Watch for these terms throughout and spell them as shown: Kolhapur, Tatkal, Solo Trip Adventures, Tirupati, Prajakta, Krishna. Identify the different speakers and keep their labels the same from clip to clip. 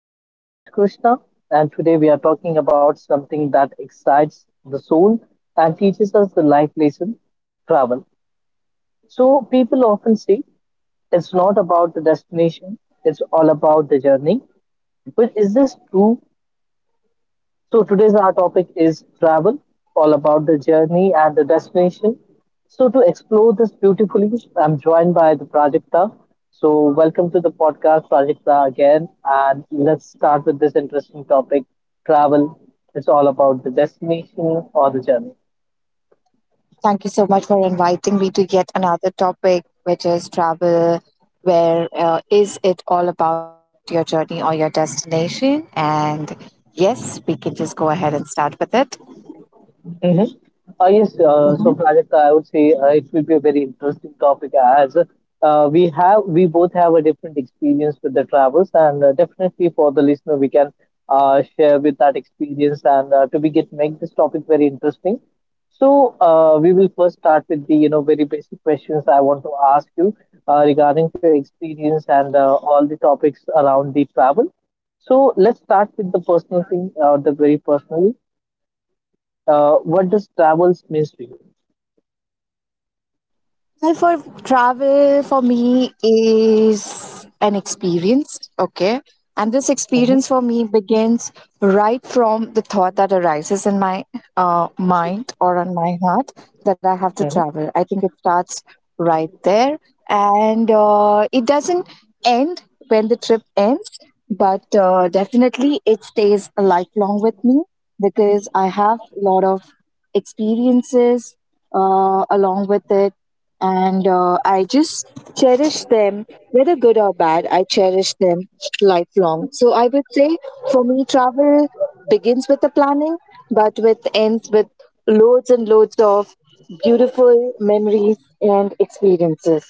Speaker 1: I'm your host Krishna, and today we are talking about something that excites the soul and teaches us the life lesson travel. So people often say it's not about the destination, it's all about the journey. But is this true? So today's our topic is travel, all about the journey and the destination. So to explore this beautifully, I'm joined by the Prajakta. So welcome to the podcast, Prajakta again, and let's start with this interesting topic, travel. It's all about the destination or the journey.
Speaker 2: Thank you so much for inviting me to yet another topic, which is travel. Where is it all about your journey or your destination? And yes, we can just go ahead and start with it.
Speaker 1: Mm-hmm. Yes, so Prajakta, I would say it will be a very interesting topic as we both have a different experience with the travels, and definitely for the listener, we can share with that experience and to be get make this topic very interesting. So we will first start with the very basic questions I want to ask you regarding your experience and all the topics around the travel. So let's start with the personal thing, the very personally. What does travels means to you?
Speaker 2: Well, for travel, for me, is an experience. Okay. And this
Speaker 1: Mhm,
Speaker 2: experience for me begins right from the thought that arises in my mind or on my heart that I have to
Speaker 1: mhm.
Speaker 2: travel. I think it starts right there. And it doesn't end when the trip ends, but definitely it stays lifelong with me because I have a lot of experiences along with it, and I just cherish them, whether good or bad. I cherish them lifelong. So I would say for me, travel begins with the planning, but with ends with loads and loads of beautiful memories and experiences.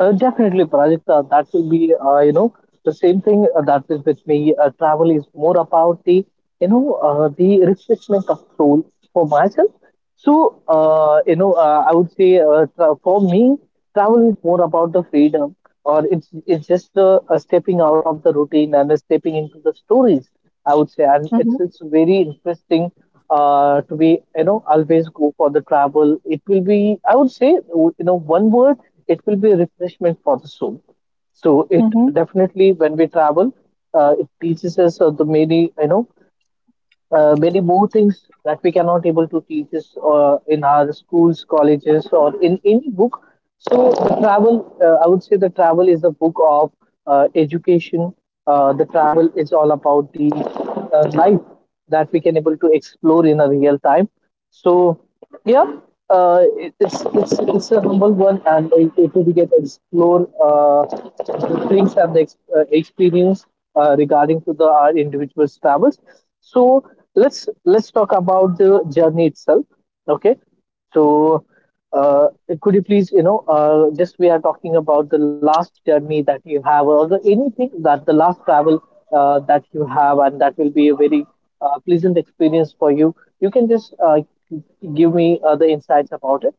Speaker 1: Uh, Definitely, Prajakta, that will be, the same thing that is with me. Travel is more about the refreshment of soul for myself. So, I would say for me, travel is more about the freedom, or it's just stepping out of the routine and stepping into the stories, I would say. And it's
Speaker 2: Mhm.
Speaker 1: it's very interesting to be always go for the travel. It will be, I would say, one word, it will be refreshment for the soul. So it
Speaker 2: Mhm.
Speaker 1: definitely when we travel, it teaches us the many very more things that we cannot able to teach us in our schools, colleges, or in any book. So the travel, I would say, the travel is the book of education. The travel is all about the life that we can able to explore in a real time. So yeah, it, it's a humble one, and it will be get explore the things and the experience regarding to the our individual travels. So let's talk about the journey itself. Okay, so uh, could you please just we are talking about the last journey that you have, or the anything that the last travel that you have, and that will be a very pleasant experience for you. You can just give me other insights about it.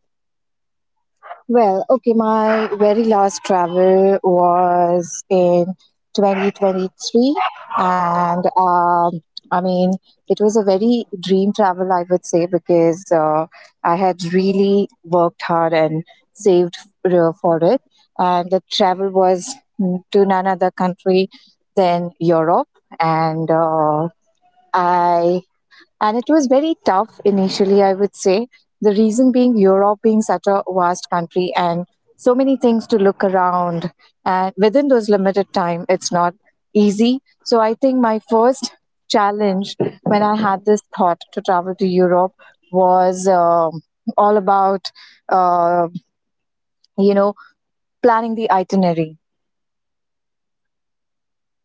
Speaker 2: Well, okay, my very last travel was in 2023, and I mean, it was a very dream travel, I would say, because I had really worked hard and saved for it. And the travel was to none other country than Europe, and I and it was very tough initially, I would say. The reason being Europe being such a vast country and so many things to look around. And within those limited time, it's not easy. So I think my first challenge when I had this thought to travel to Europe was all about, uh, you know, planning the itinerary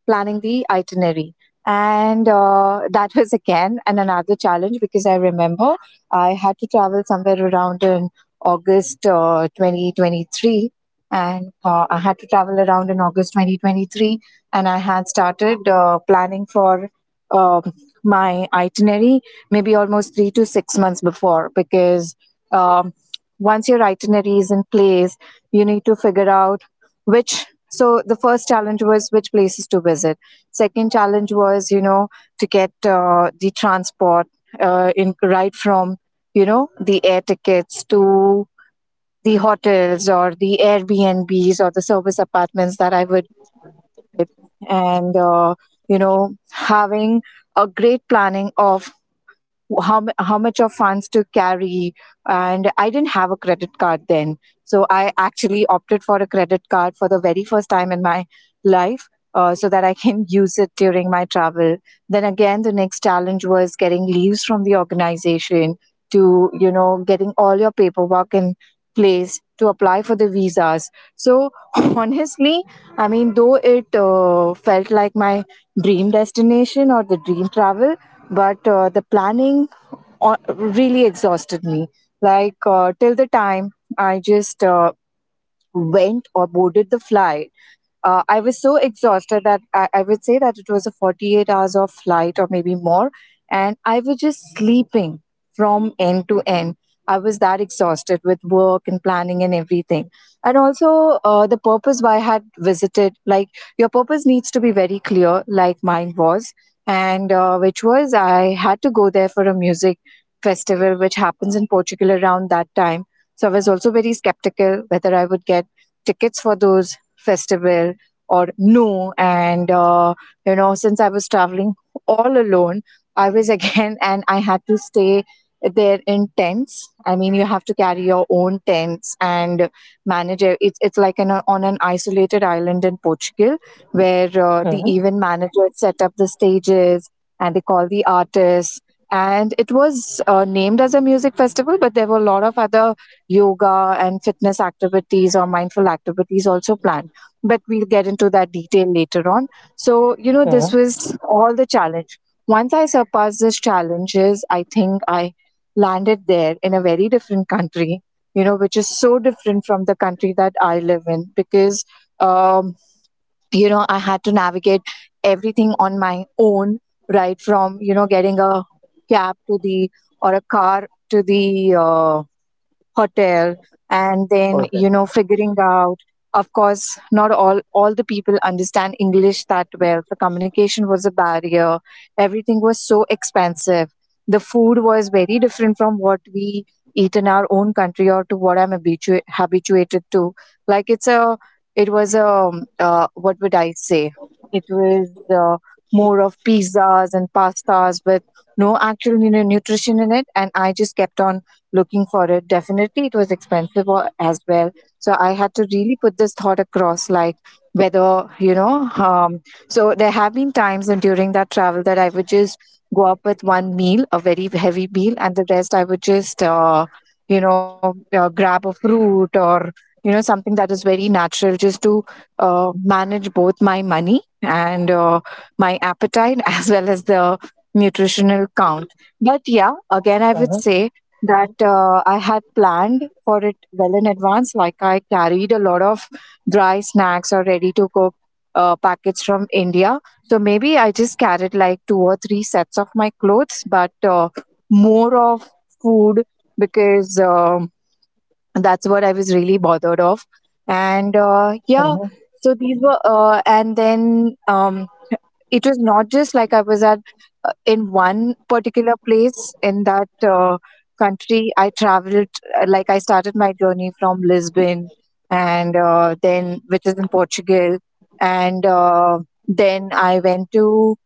Speaker 2: planning the itinerary. And that was again and another challenge because I remember I had to travel somewhere around in August 2023. And I had to travel around in August 2023. And I had started planning for um my itinerary maybe almost 3 to 6 months before because um, once your itinerary is in place, you need to figure out which so the first challenge was which places to visit. Second challenge was you know to get the transport in right from you know the air tickets to the hotels or the Airbnbs or the service apartments that I would, and you know having a great planning of how much of funds to carry, and I didn't have a credit card then, so I actually opted for a credit card for the very first time in my life, so that I can use it during my travel. Then again the next challenge was getting leaves from the organization to you know getting all your paperwork in place to apply for the visas. So honestly, I mean though it felt like my dream destination or the dream travel, but the planning really exhausted me. Like till the time I just went or boarded the flight. I was so exhausted that I would say that it was a 48 hours of flight or maybe more. And I was just sleeping from end to end. I was that exhausted with work and planning and everything. And also, the purpose why I had visited, like, your purpose needs to be very clear, like mine was. And which was, I had to go there for a music festival, which happens in Portugal around that time. So I was also very skeptical whether I would get tickets for those festival or no. And you know, since I was traveling all alone, I was again, and I had to stay there in tents. I mean, you have to carry your own tents and manage it. It's like an on an isolated island in Portugal where the
Speaker 1: Mm-hmm.
Speaker 2: event manager set up the stages and they call the artists, and it was named as a music festival, but there were a lot of other yoga and fitness activities or mindful activities also planned. But we'll get into that detail later on. So, you know,
Speaker 1: Mm-hmm.
Speaker 2: this was all the challenge. Once I surpassed these challenges, I think I landed there in a very different country, you know, which is so different from the country that I live in because, um, you know, I had to navigate everything on my own, right? From, you know, getting a cab to the or a car to the hotel, and then
Speaker 1: Perfect.
Speaker 2: you know figuring out, of course, not all the people understand English that well. The communication was a barrier. Everything was so expensive. The food was very different from what we eat in our own country or to what I'm habituated to. Like it's a it was a what would I say, it was more of pizzas and pastas with no actual you nutrition in it, and I just kept on looking for it. Definitely, it was expensive as well. So I had to really put this thought across, like whether you know. So there have been times and during that travel that I would just go up with one meal, a very heavy meal, and the rest I would just grab a fruit or you know something that is very natural just to manage both my money and my appetite as well as the nutritional count. But yeah, again, I would
Speaker 1: Mm-hmm.
Speaker 2: say that I had planned for it well in advance. Like I carried a lot of dry snacks or ready to cook packets from India. So maybe I just carried like two or three sets of my clothes, but more of food because. And that's what I was really bothered of. And yeah,
Speaker 1: Mm-hmm.
Speaker 2: so these were, and then it was not just like I was at in one particular place in that country. I traveled, like I started my journey from Lisbon, and then, which is in Portugal, and then I went to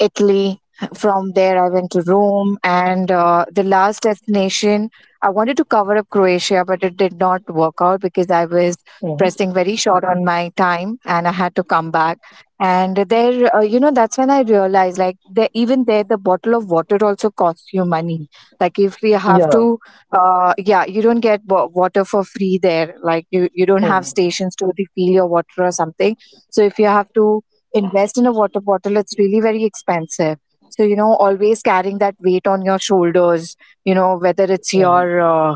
Speaker 2: Italy. From there, I went to Rome, and the last destination I wanted to cover up Croatia, but it did not work out because I was
Speaker 1: Mm-hmm.
Speaker 2: pressing very short on my time, and I had to come back. And there, you know, that's when I realized, like, the, even there, the bottle of water also costs you money. Like, if we have
Speaker 1: Yeah.
Speaker 2: to, yeah, you don't get water for free there. Like, you don't have
Speaker 1: Mm-hmm.
Speaker 2: stations to refill your water or something. So if you have to invest in a water bottle, it's really very expensive. So, you know, always carrying that weight on your shoulders, you know, whether it's
Speaker 1: Mm-hmm.
Speaker 2: your uh,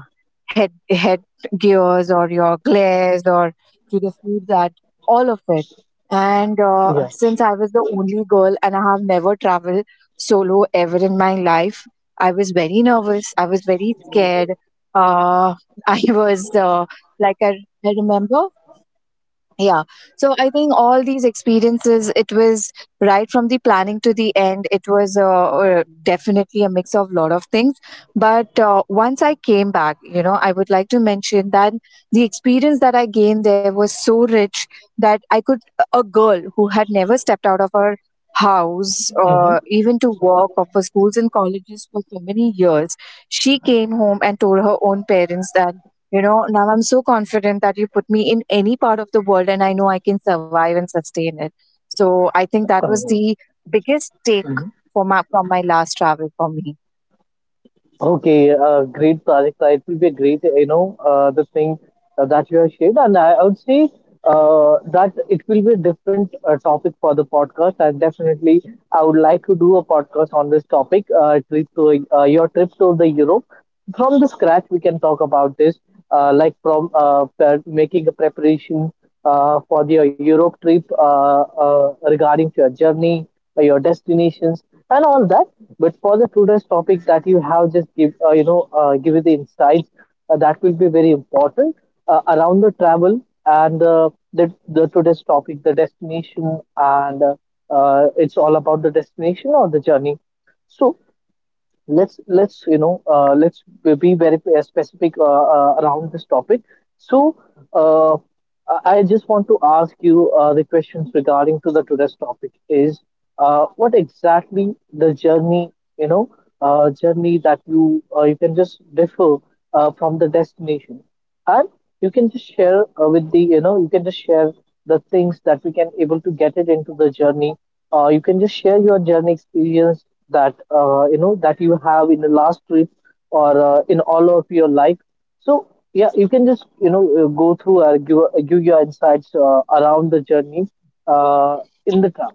Speaker 2: head, head gears or your glares or to the food that, all of it. And
Speaker 1: Yeah.
Speaker 2: since I was the only girl and I have never traveled solo ever in my life, I was very nervous. I was very scared. Uh, I was like I, I remember. Yeah, so I think all these experiences, it was right from the planning to the end, it was definitely a mix of lot of things. But once I came back, you know, I would like to mention that the experience that I gained there was so rich that I could, a girl who had never stepped out of her house
Speaker 1: Mm-hmm.
Speaker 2: or even to work or for schools and colleges for so many years, she came home and told her own parents that you know, now I'm so confident that you put me in any part of the world and I know I can survive and sustain it. So I think that was
Speaker 1: Congrats.
Speaker 2: the biggest take for my, from my last travel for me.
Speaker 1: Okay, great project. It will be a great, the thing that you have shared, and I would say that it will be a different topic for the podcast. And definitely, I would like to do a podcast on this topic. Trip to Your trip to the Europe from the scratch. We can talk about this, like from making a preparation for your Europe trip regarding to your journey, your destinations, and all that. But for the today's topic that you have just give, give you the insights that will be very important around the travel and the today's topic, the destination, and it's all about the destination or the journey. So let's you know let's be very specific around this topic. So uh, i I just want to ask you the questions regarding to the today's topic is what exactly the journey, you know journey that you you can just differ from the destination, and you can just share with the you know you can just share the things that we can able to get it into the journey. You can just share your journey experience that that you have in the last trip or in all of your life. So Yeah, you can just go through or give, give your insights around the journey uh, in the car.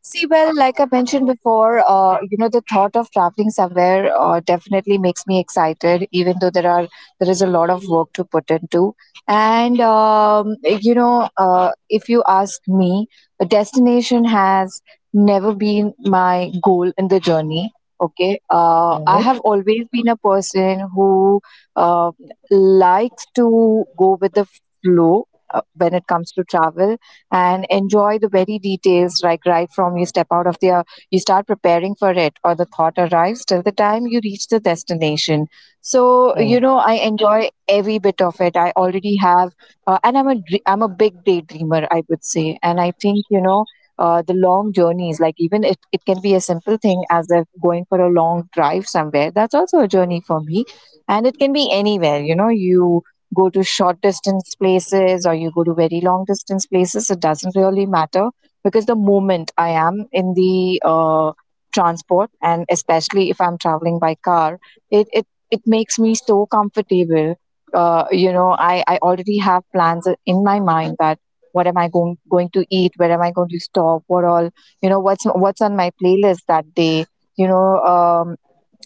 Speaker 2: See, well, like I mentioned before, you know, the thought of traveling somewhere definitely makes me excited, even though there is a lot of work to put into. And you know, if you ask me, a destination has never been my goal in the journey. Okay, I
Speaker 1: Mm-hmm.
Speaker 2: have always been a person who uh, likes to go with the flow when it comes to travel and enjoy the very details, like right from you step out of there, you start preparing for it or the thought arrives till the time you reach the destination. So you
Speaker 1: Mm-hmm.
Speaker 2: know I enjoy every bit of it. I already have and I'm I'm a big daydreamer, I would say. And I think you know the long journeys, like even it can be a simple thing as if going for a long drive somewhere, that's also a journey for me. And it can be anywhere, you know, you go to short distance places or you go to very long distance places, it doesn't really matter, because the moment I am in the transport and especially if I'm traveling by car, it, it, it makes me so comfortable. I already have plans in my mind that what am I going to eat? Where am I going to stop? What all, what's on my playlist that day? You know, um,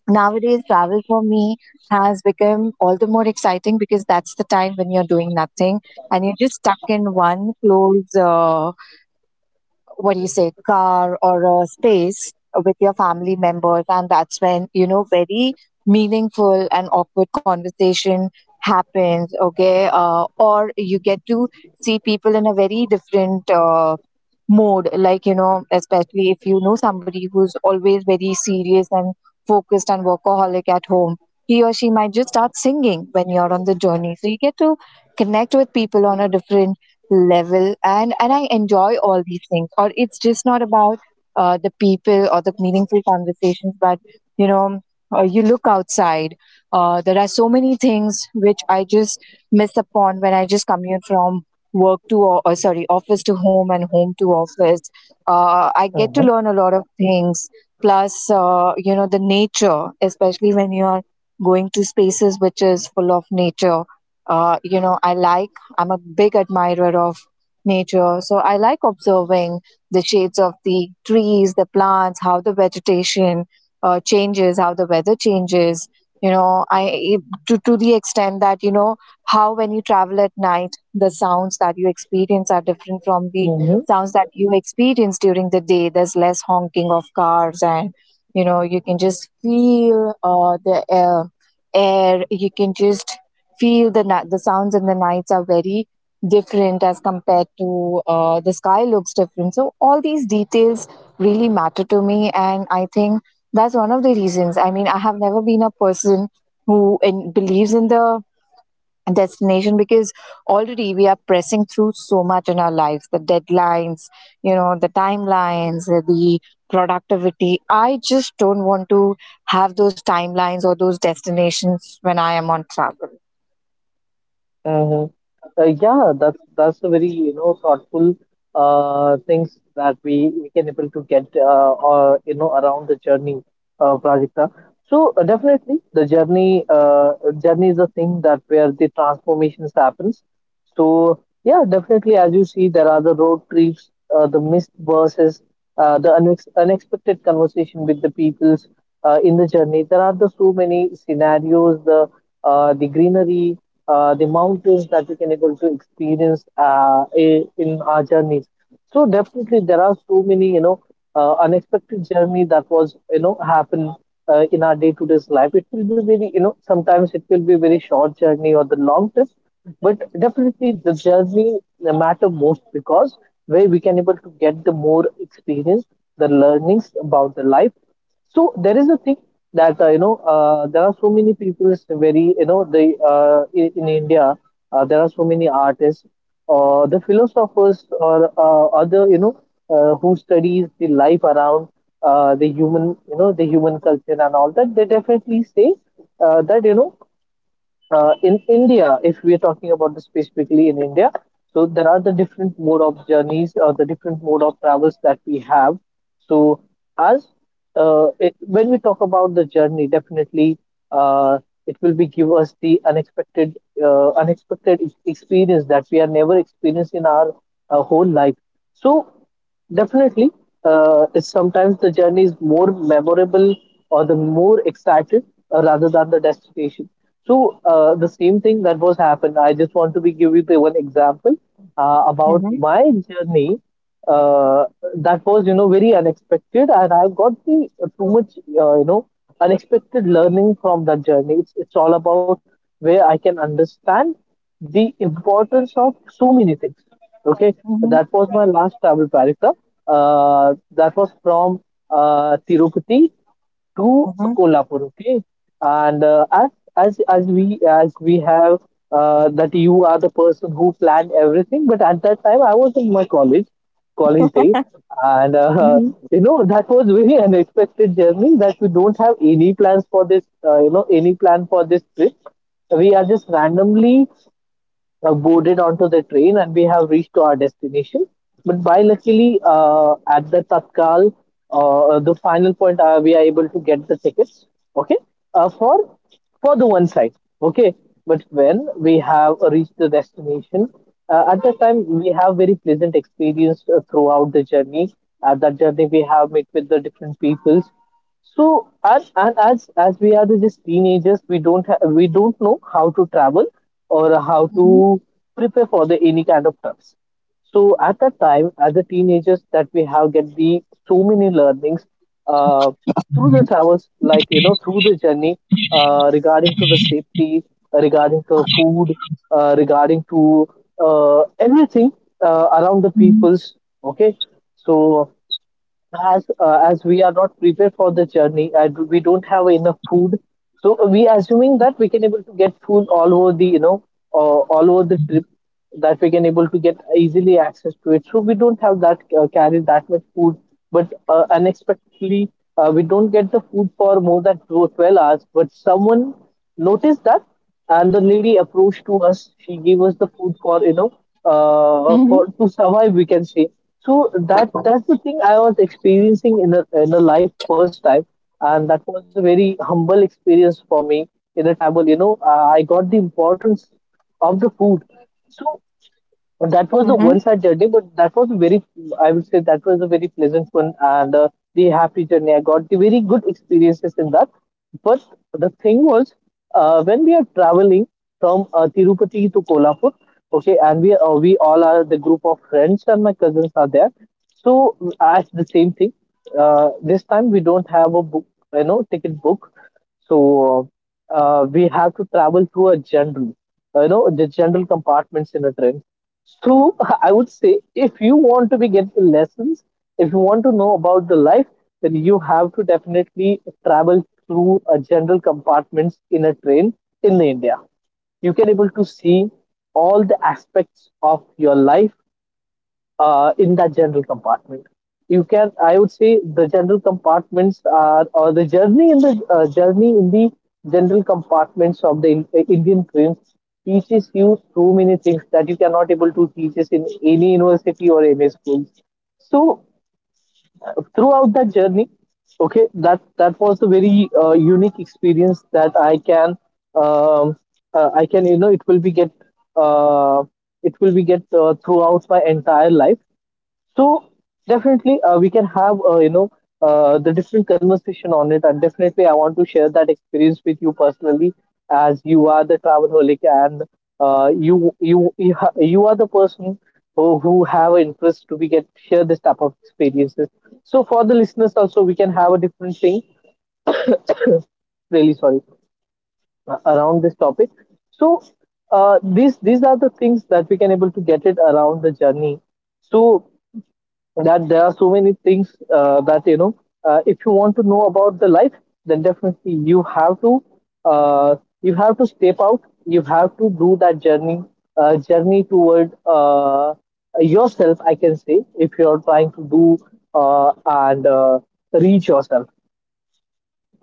Speaker 2: Nowadays travel for me has become all the more exciting, because that's the time when you're doing nothing, and you're just stuck in one close, what do you say, car or a space with your family members. And that's when, you know, very meaningful and awkward conversation happens. Okay, or you get to see people in a very different mode. Like, you know, especially if you know somebody who's always very serious and focused and workaholic at home, he or she might just start singing when you're on the journey. So you get to connect with people on a different level, and I enjoy all these things. Or it's just not about the people or the meaningful conversations, but you know, you look outside. There are so many things which I just miss upon when I just commute from work to o- sorry office to home and home to office. I get to
Speaker 1: Mm-hmm.
Speaker 2: learn a lot of things, plus you know, the nature, especially when you are going to spaces which is full of nature. You know, I like, I'm a big admirer of nature, so I like observing the shades of the trees, the plants, how the vegetation changes, how the weather changes. You know, I, to the extent that, you know, how when you travel at night, the sounds that you experience are different from the
Speaker 1: Mm-hmm.
Speaker 2: sounds that you experience during the day. There's less honking of cars, and you know, you can just feel the air. You can just feel the sounds in the nights are very different as compared to the sky looks different. So all these details really matter to me. And I think that's one of the reasons. I mean, I have never been a person who believes in the destination, because already we are pressing through so much in our lives, the deadlines, you know, the timelines, the productivity. I just don't want to have those timelines or those destinations when I am on travel.
Speaker 1: Uh, yeah, that's a very thoughtful things that we can able to get or you know around the journey, Prajakta. So definitely the journey is a thing that where the transformations happens. So yeah, definitely as you see there are the road trips, the missed buses, unexpected conversation with the peoples in the journey. There are the so many scenarios, the greenery, the mountains that we can able to experience in our journeys. So definitely there are so many unexpected journey that was happen in our day to day life. It will be very sometimes it will be very short journey or the long trip, but definitely the journey matter most, because where we can able to get the more experience, the learnings about the life. So there is a thing that there are so many people is very in India there are so many artists or the philosophers or other you know who studies the life around the human culture and all that, they definitely say that you know in India, if we are talking about this specifically in India, so there are the different mode of journeys or the different mode of travels that we have. So as when we talk about the journey, definitely uh, it will be give us the unexpected experience that we have never experienced in our whole life. So definitely, it's sometimes the journey is more memorable or the more excited rather than the destination. So the same thing that was happened. I just want to be give you the one example about
Speaker 2: Hmm.
Speaker 1: my journey uh, that was very unexpected, and I got the too much unexpected learning from that journey. It's all about where I can understand the importance of so many things. Okay,
Speaker 2: Hmm.
Speaker 1: that was my last travel, Parikta. That was from Tirupati to
Speaker 2: Hmm.
Speaker 1: Kolhapur. Okay, and as we have that you are the person who planned everything, but at that time I was in my college days, and
Speaker 2: Hmm.
Speaker 1: you know that was very unexpected journey that we don't have any plans for this. You know, any plan for this trip. We are just randomly boarded onto the train, and we have reached to our destination. But by luckily, at the Tatkal, the final point, we are able to get the tickets. Okay, uh, for for the one side. Okay, but when we have reached the destination, at that time we have very pleasant experience throughout the journey. At that journey, we have met with the different peoples. So and as we are the just teenagers, we don't know how to travel or how
Speaker 2: Hmm.
Speaker 1: to prepare for the any kind of trips. So at that time, as the teenagers, that we have get the so many learnings uh, through the travels, like through the journey regarding to the safety, regarding to food, regarding to everything around the
Speaker 2: Hmm.
Speaker 1: peoples. Okay, so as we are not prepared for the journey and we don't have enough food, so we assuming that we can able to get food all over the you know all over the trip, that we can able to get easily access to it, so we don't have that carry that much food. But unexpectedly we don't get the food for more than 12 hours, but someone noticed that, and the lady approached to us. She gave us the food for for to survive, we can say. So that, that's the thing I was experiencing in a life first time, and that was a very humble experience for me in a travel. You know, I got the importance of the food. So but that was the
Speaker 2: Hmm.
Speaker 1: one-side journey, but that was a very, I would say that was a very pleasant one, and the happy journey. I got the very good experiences in that. But the thing was, when we are traveling from Tirupati to Kolhapur, okay, and we all are the group of friends and my cousins are there. So as the same thing, this time we don't have a book, you know, ticket book. So we have to travel through a general, the general compartments in a train. So I would say if you want to be get the lessons, if you want to know about the life, then you have to definitely travel through a general compartments in a train in India. You can able to see all the aspects of your life in that general compartment. You can, I would say, the general compartments are, or the journey in the general compartments of the in, Indian trains teaches you so many things that you cannot able to teach us in any university or any school. So throughout that journey, okay, that was a very unique experience that um, I can, you know, uh, it will be get throughout my entire life. So definitely, we can have the different conversation on it, and definitely, I want to share that experience with you personally, as you are the travelholic and you are the person who have an interest to be get share this type of experiences. So for the listeners also, we can have a different thing. Really sorry around this topic. So these are the things that we can able to get it around the journey. So that there are so many things that if you want to know about the life, then definitely uh, you have to step out, you have to do that journey, journey toward yourself, I can say, if you're trying to do uh, and reach yourself.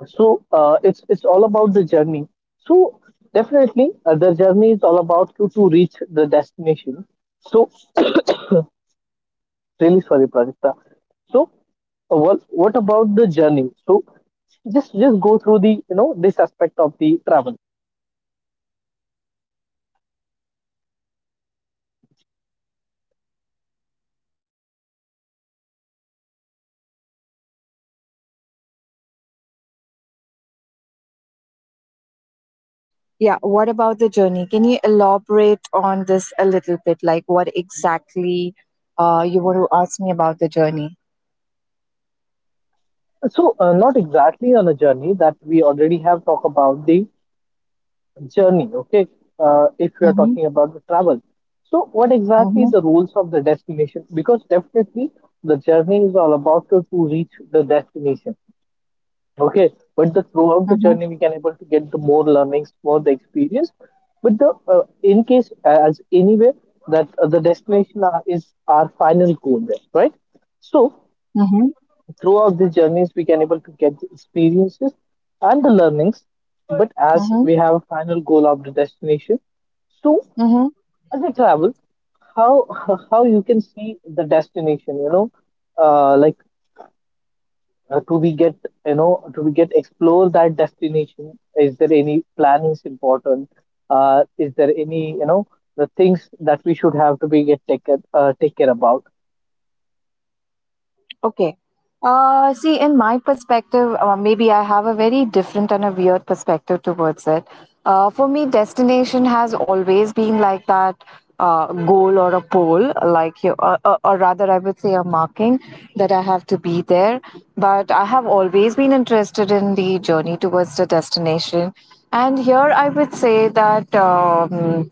Speaker 1: So it's all about the journey. So definitely the journey is all about to reach the destination. So really sorry, Prajakta. So Well, what about the journey? So just go through the you know this aspect of the travel.
Speaker 2: Yeah. What about the journey? Can you elaborate on this a little bit? Like, what exactly you want to ask me about the journey?
Speaker 1: So not exactly on a journey that we already have talked about the journey. Okay, if we are
Speaker 2: Mm-hmm.
Speaker 1: talking about the travel. So what exactly
Speaker 2: Mm-hmm.
Speaker 1: the rules of the destination? Because definitely the journey is all about to reach the destination. Okay, but the throughout the
Speaker 2: Mm-hmm.
Speaker 1: journey we can able to get the more learnings, more the experience. But the in case as anyway that the destination are, is our final goal, there, right? So
Speaker 2: Mm-hmm.
Speaker 1: throughout the journeys we can able to get the experiences and the learnings. But as
Speaker 2: Mm-hmm.
Speaker 1: we have a final goal of the destination, so
Speaker 2: Mm-hmm.
Speaker 1: as I travel, how how you can see the destination? You know, like to we get, you know, to we get explore that destination, is there any planning is important, is there any you know the things that we should have to be get taken take care about.
Speaker 2: Okay. See, in my perspective, maybe I have a very different and a weird perspective towards it. For me, destination has always been like that goal or a pole, or rather, I would say, a marking that I have to be there. But I have always been interested in the journey towards the destination. And here I would say that.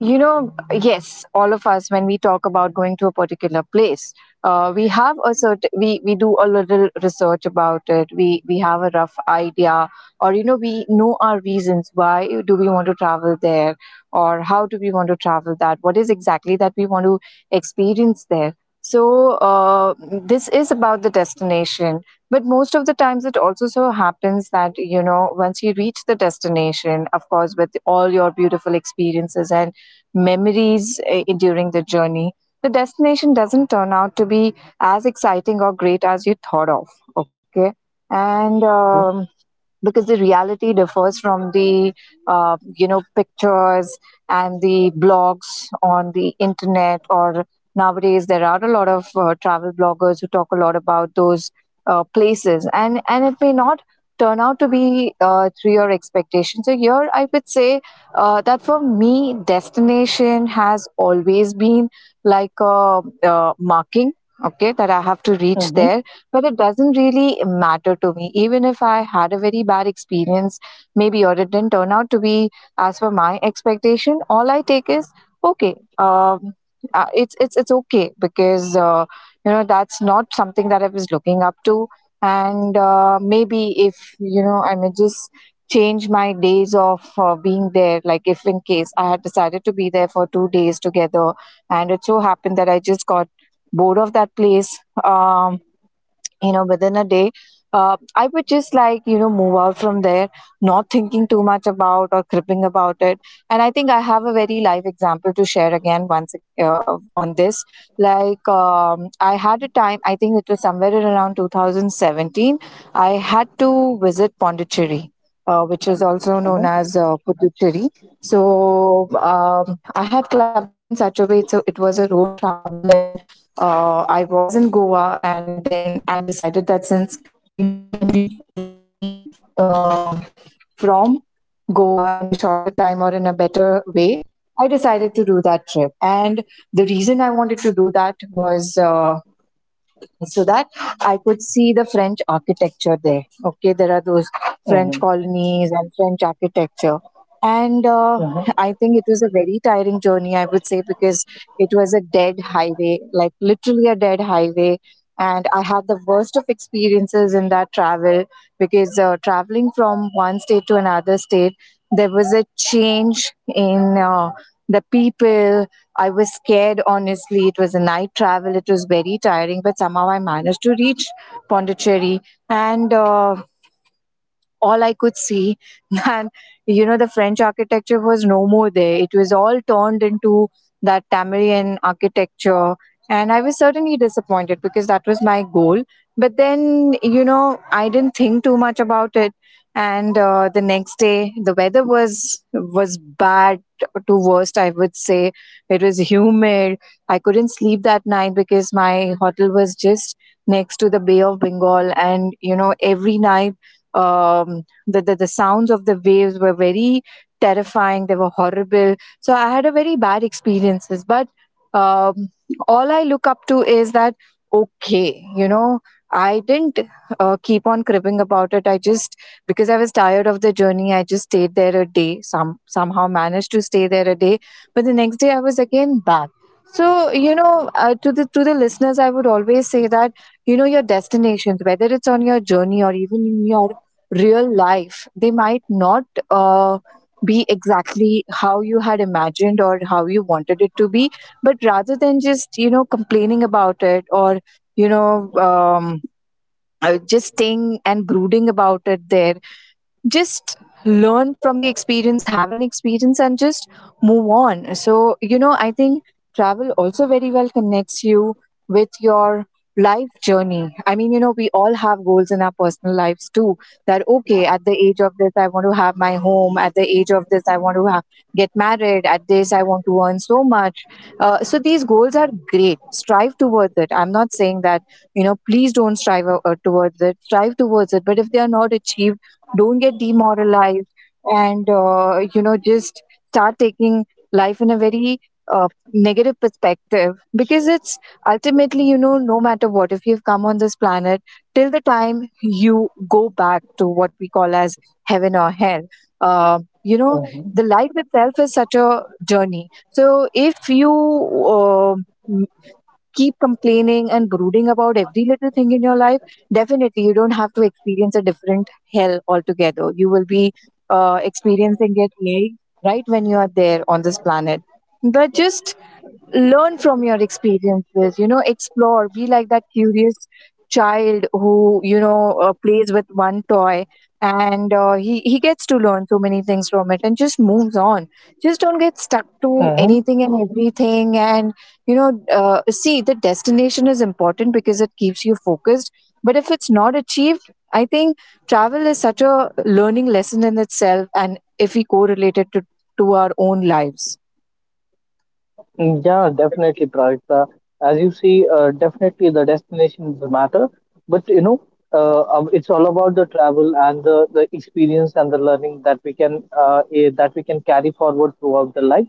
Speaker 2: You know, yes, all of us, when we talk about going to a particular place, we have we do a little research about it. We have a rough idea. Or, you know, we know our reasons. Why do we want to travel there, or how do we want to travel that? What is exactly that we want to experience there? So, this is about the destination. But most of the times it also so happens that, you know, once you reach the destination, of course, with all your beautiful experiences and memories during the journey, the destination doesn't turn out to be as exciting or great as you thought of. Okay. And
Speaker 1: Mm-hmm,
Speaker 2: because the reality differs from the pictures and the blogs on the internet. Or nowadays there are a lot of travel bloggers who talk a lot about those places, and it may not turn out to be to your expectation. So here I would say that for me destination has always been like a marking. Okay, that I have to reach
Speaker 1: mm-hmm,
Speaker 2: there. But it doesn't really matter to me. Even if I had a very bad experience, maybe, or it didn't turn out to be as per my expectation, all I take is okay. It's okay, because you know, that's not something that I was looking up to. And maybe, if you know, I may just change my days of being there. Like, if in case I had decided to be there for 2 days together, and it so happened that I just got bored of that place, um, you know, within a day, I would just, like, you know, move out from there, not thinking too much about or crippling about it. And I think I have a very live example to share again once on this. Like, I had a time, I think it was somewhere around 2017, I had to visit Pondicherry, which is also known as Puducherry. So um, I had clubbed it in such a way, so it was a road travel. And I was in Goa, and then I decided that, since you know, you can reach Pondicherry um from Goa in a shorter time or in a better way, I decided to do that trip. And the reason I wanted to do that was so that I could see the French architecture there. Okay, there are those French
Speaker 1: mm-hmm,
Speaker 2: colonies and French architecture. And I
Speaker 1: mm-hmm,
Speaker 2: think it was a very tiring journey, I would say, because it was a dead highway, like literally a dead highway. And I had the worst of experiences in that travel, because traveling from one state to another state, there was a change in the people. I was scared, honestly. It was a night travel, it was very tiring, but somehow I managed to reach Pondicherry. And all I could see that, you know, the French architecture was no more there. It was all turned into that Tamilian architecture, and I was certainly disappointed because that was my goal. But then, you know, I didn't think too much about it. And the next day the weather was bad to worst, I would say. It was humid. I couldn't sleep that night because my hotel was just next to the Bay of Bengal, and you know, every night, the sounds of the waves were very terrifying. They were horrible. So I had a very bad experiences. But um, all I look up to is that, okay, you know, I didn't keep on cribbing about it. I just, because I was tired of the journey, I just stayed there a day. Some somehow managed to stay there a day. But the next day I was again back. So, you know, to the listeners, I would always say that, you know, your destinations, whether it's on your journey or even in your real life, they might not uh, be exactly how you had imagined or how you wanted it to be. But rather than just, you know, complaining about it, or, you know, just staying and brooding about it there, just learn from the experience, have an experience, and just move on. So, you know, I think travel also very well connects you with your life journey. I mean, you know, we all have goals in our personal lives too, that okay, at the age of this I want to have my home, at the age of this I want to get married, at this I want to earn so much. So these goals are great, strive towards it. I'm not saying that, you know, please don't strive towards it, strive towards it. But if they are not achieved, don't get demoralized. And you know, just start taking life in a very negative perspective, because it's ultimately, you know, no matter what, if you've come on this planet till the time you go back to what we call as heaven or hell, you know, the life itself is such a journey. So if you um keep complaining and brooding about every little thing in your life, definitely you don't have to experience a different hell altogether. You will be experiencing it live right when you are there on this planet. But just learn from your experiences. You know, explore. Be like that curious child who, you know, plays with one toy, and he gets to learn so many things from it and just moves on. Just don't get stuck to
Speaker 1: mm-hmm,
Speaker 2: anything and everything. And you know, see, the destination is important because it keeps you focused. But if it's not achieved, I think travel is such a learning lesson in itself, and if we correlate it to our own lives.
Speaker 1: Yeah, definitely, Prajakta. As you see, definitely the destinations matter, but you know, it's all about the travel and the experience and the learning that we can that we can carry forward throughout the life.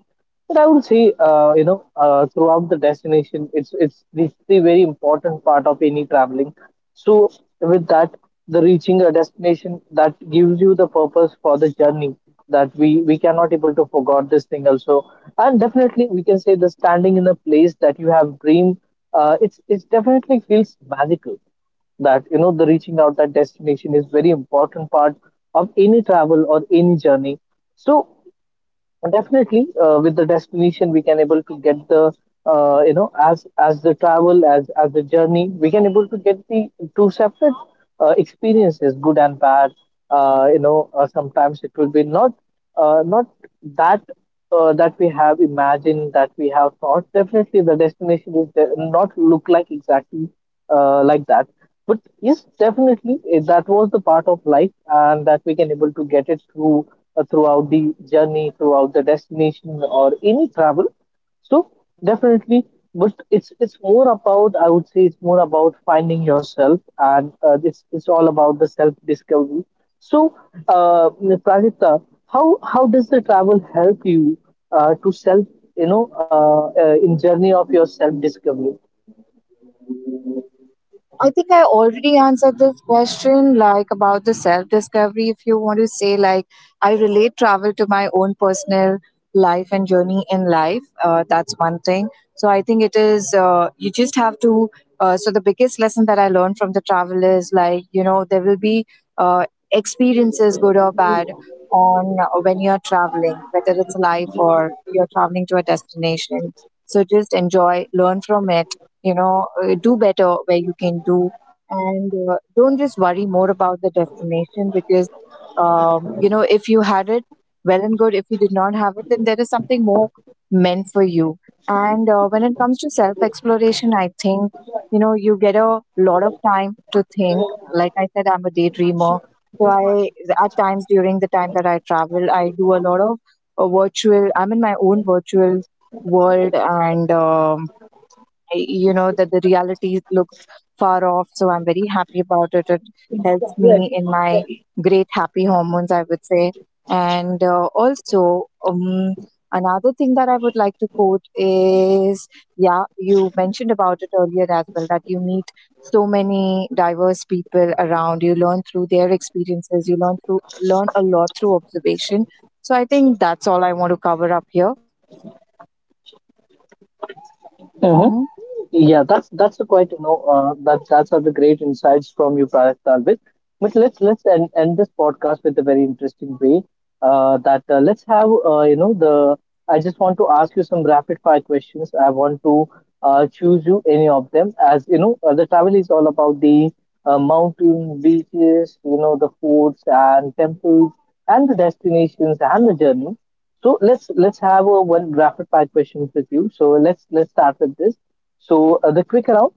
Speaker 1: But I would say, throughout the destination, it's this the very important part of any traveling. So with that, the reaching a destination that gives you the purpose for the journey that we cannot able to forget this thing also, and definitely we can say the standing in a place that you have dream, it definitely feels magical, that you know the reaching out that destination is very important part of any travel or any journey. So and definitely, with the destination, we can able to get the as the travel, as the journey, we can able to get the two separate experiences, good and bad. Sometimes it will be not not that that we have imagined, that we have thought, definitely the destination is not look like exactly like that. But yes, definitely that was the part of life, and that we can able to get it through throughout the journey, throughout the destination or any travel. So definitely, but it's more about, I would say it's more about finding yourself, and it's all about the self discovery. So, uh, Prajita, how does the travel help you to self, in journey of your self discovery?
Speaker 2: I think I already answered this question, like, about the self discovery. If you want to say, like, I relate travel to my own personal life and journey in life, that's one thing. So I think it is, you just have to. So the biggest lesson that I learned from the travel is, like, you know, there will be uh, experiences, good or bad, on when you're traveling, whether it's life or you're traveling to a destination. So just enjoy, learn from it. You know, do better where you can do, and don't just worry more about the destination, because you know, if you had it, well and good. If you did not have it, then there is something more meant for you. And when it comes to self exploration, I think, you know, you get a lot of time to think. Like I said, I'm a daydreamer. So I, at times, during the time that I travel, I do a lot of virtual, I'm in my own virtual world. And you know, that the reality looks far off, so I'm very happy about it. It helps me in my great happy hormones, I would say. And also, another thing that I would like to quote is, yeah, you mentioned about it earlier as well, that you meet so many diverse people around, you learn through their experiences, you learn through, learn a lot through observation. So I think that's all I want to cover up here. Hmm.
Speaker 1: Yeah, that's a quite you know that that's are the great insights from you, Prayak Talvis. But let's end, end this podcast with a very interesting way. That Let's have you know the. I just want to ask you some rapid fire questions. I want to choose you any of them, as you know the travel is all about the mountains, beaches, you know the forts and temples and the destinations and the journey. So let's have a one rapid fire questions with you. So let's start with this. So the quick round,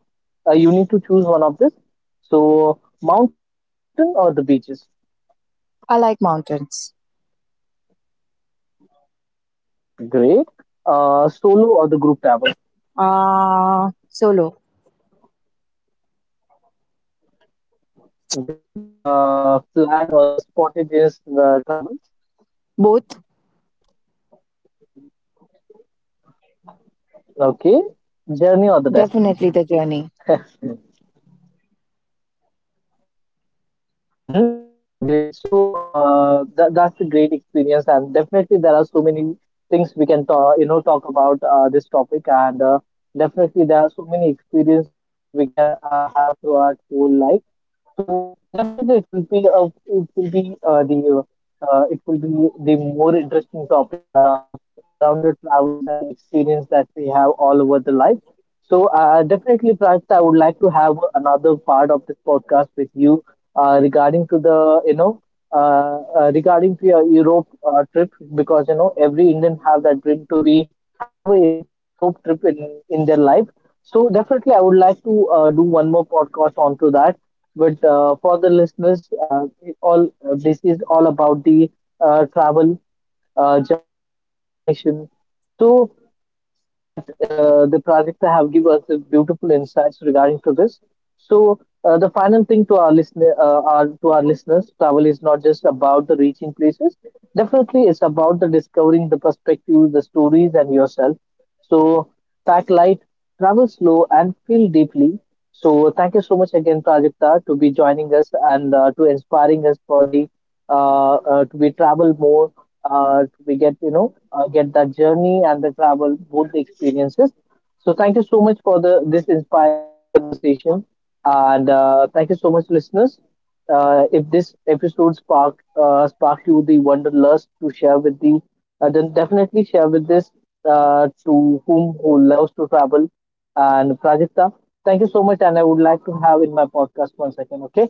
Speaker 1: you need to choose one of this. So mountain or the beaches,
Speaker 2: I like mountains.
Speaker 1: great. Solo or the group travel,
Speaker 2: uh Solo.
Speaker 1: great. Plan or the spontaneous travel,
Speaker 2: Both,
Speaker 1: okay. Journey or the
Speaker 2: definitely
Speaker 1: destination.
Speaker 2: the journey.
Speaker 1: Mm-hmm. Great. So that's a great experience, and definitely there are so many things we can talk, you know, talk about this topic, and definitely there are so many experience that we can have throughout whole life. So definitely it will be the it will be the more interesting topic around the travels and the experience that we have all over the life. So, definitely, Prakta, I would like to have another part of this podcast with you regarding to the, you know, regarding to your Europe trip, because you know every Indian have that dream to be have a Europe trip in their life. So definitely, I would like to do one more podcast onto that. But for the listeners, all this is all about the travel, journey or the destination. So and that the project have given us the beautiful insights regarding to this. So the final thing to our listener, to our listeners, travel is not just about the reaching places. Definitely, it's about the discovering the perspectives, the stories, and yourself. So pack light, travel slow, and feel deeply. So thank you so much again, Prajakta, to be joining us and to inspiring us for the to be travel more, we get you know get that journey and the travel both the experiences. So thank you so much for the this inspiring conversation, and thank you so much listeners. If this episode sparked you the wanderlust to share with the then definitely share with this to whom who loves to travel. And Prajakta, thank you so much, and I would like to have in my podcast once again. Okay.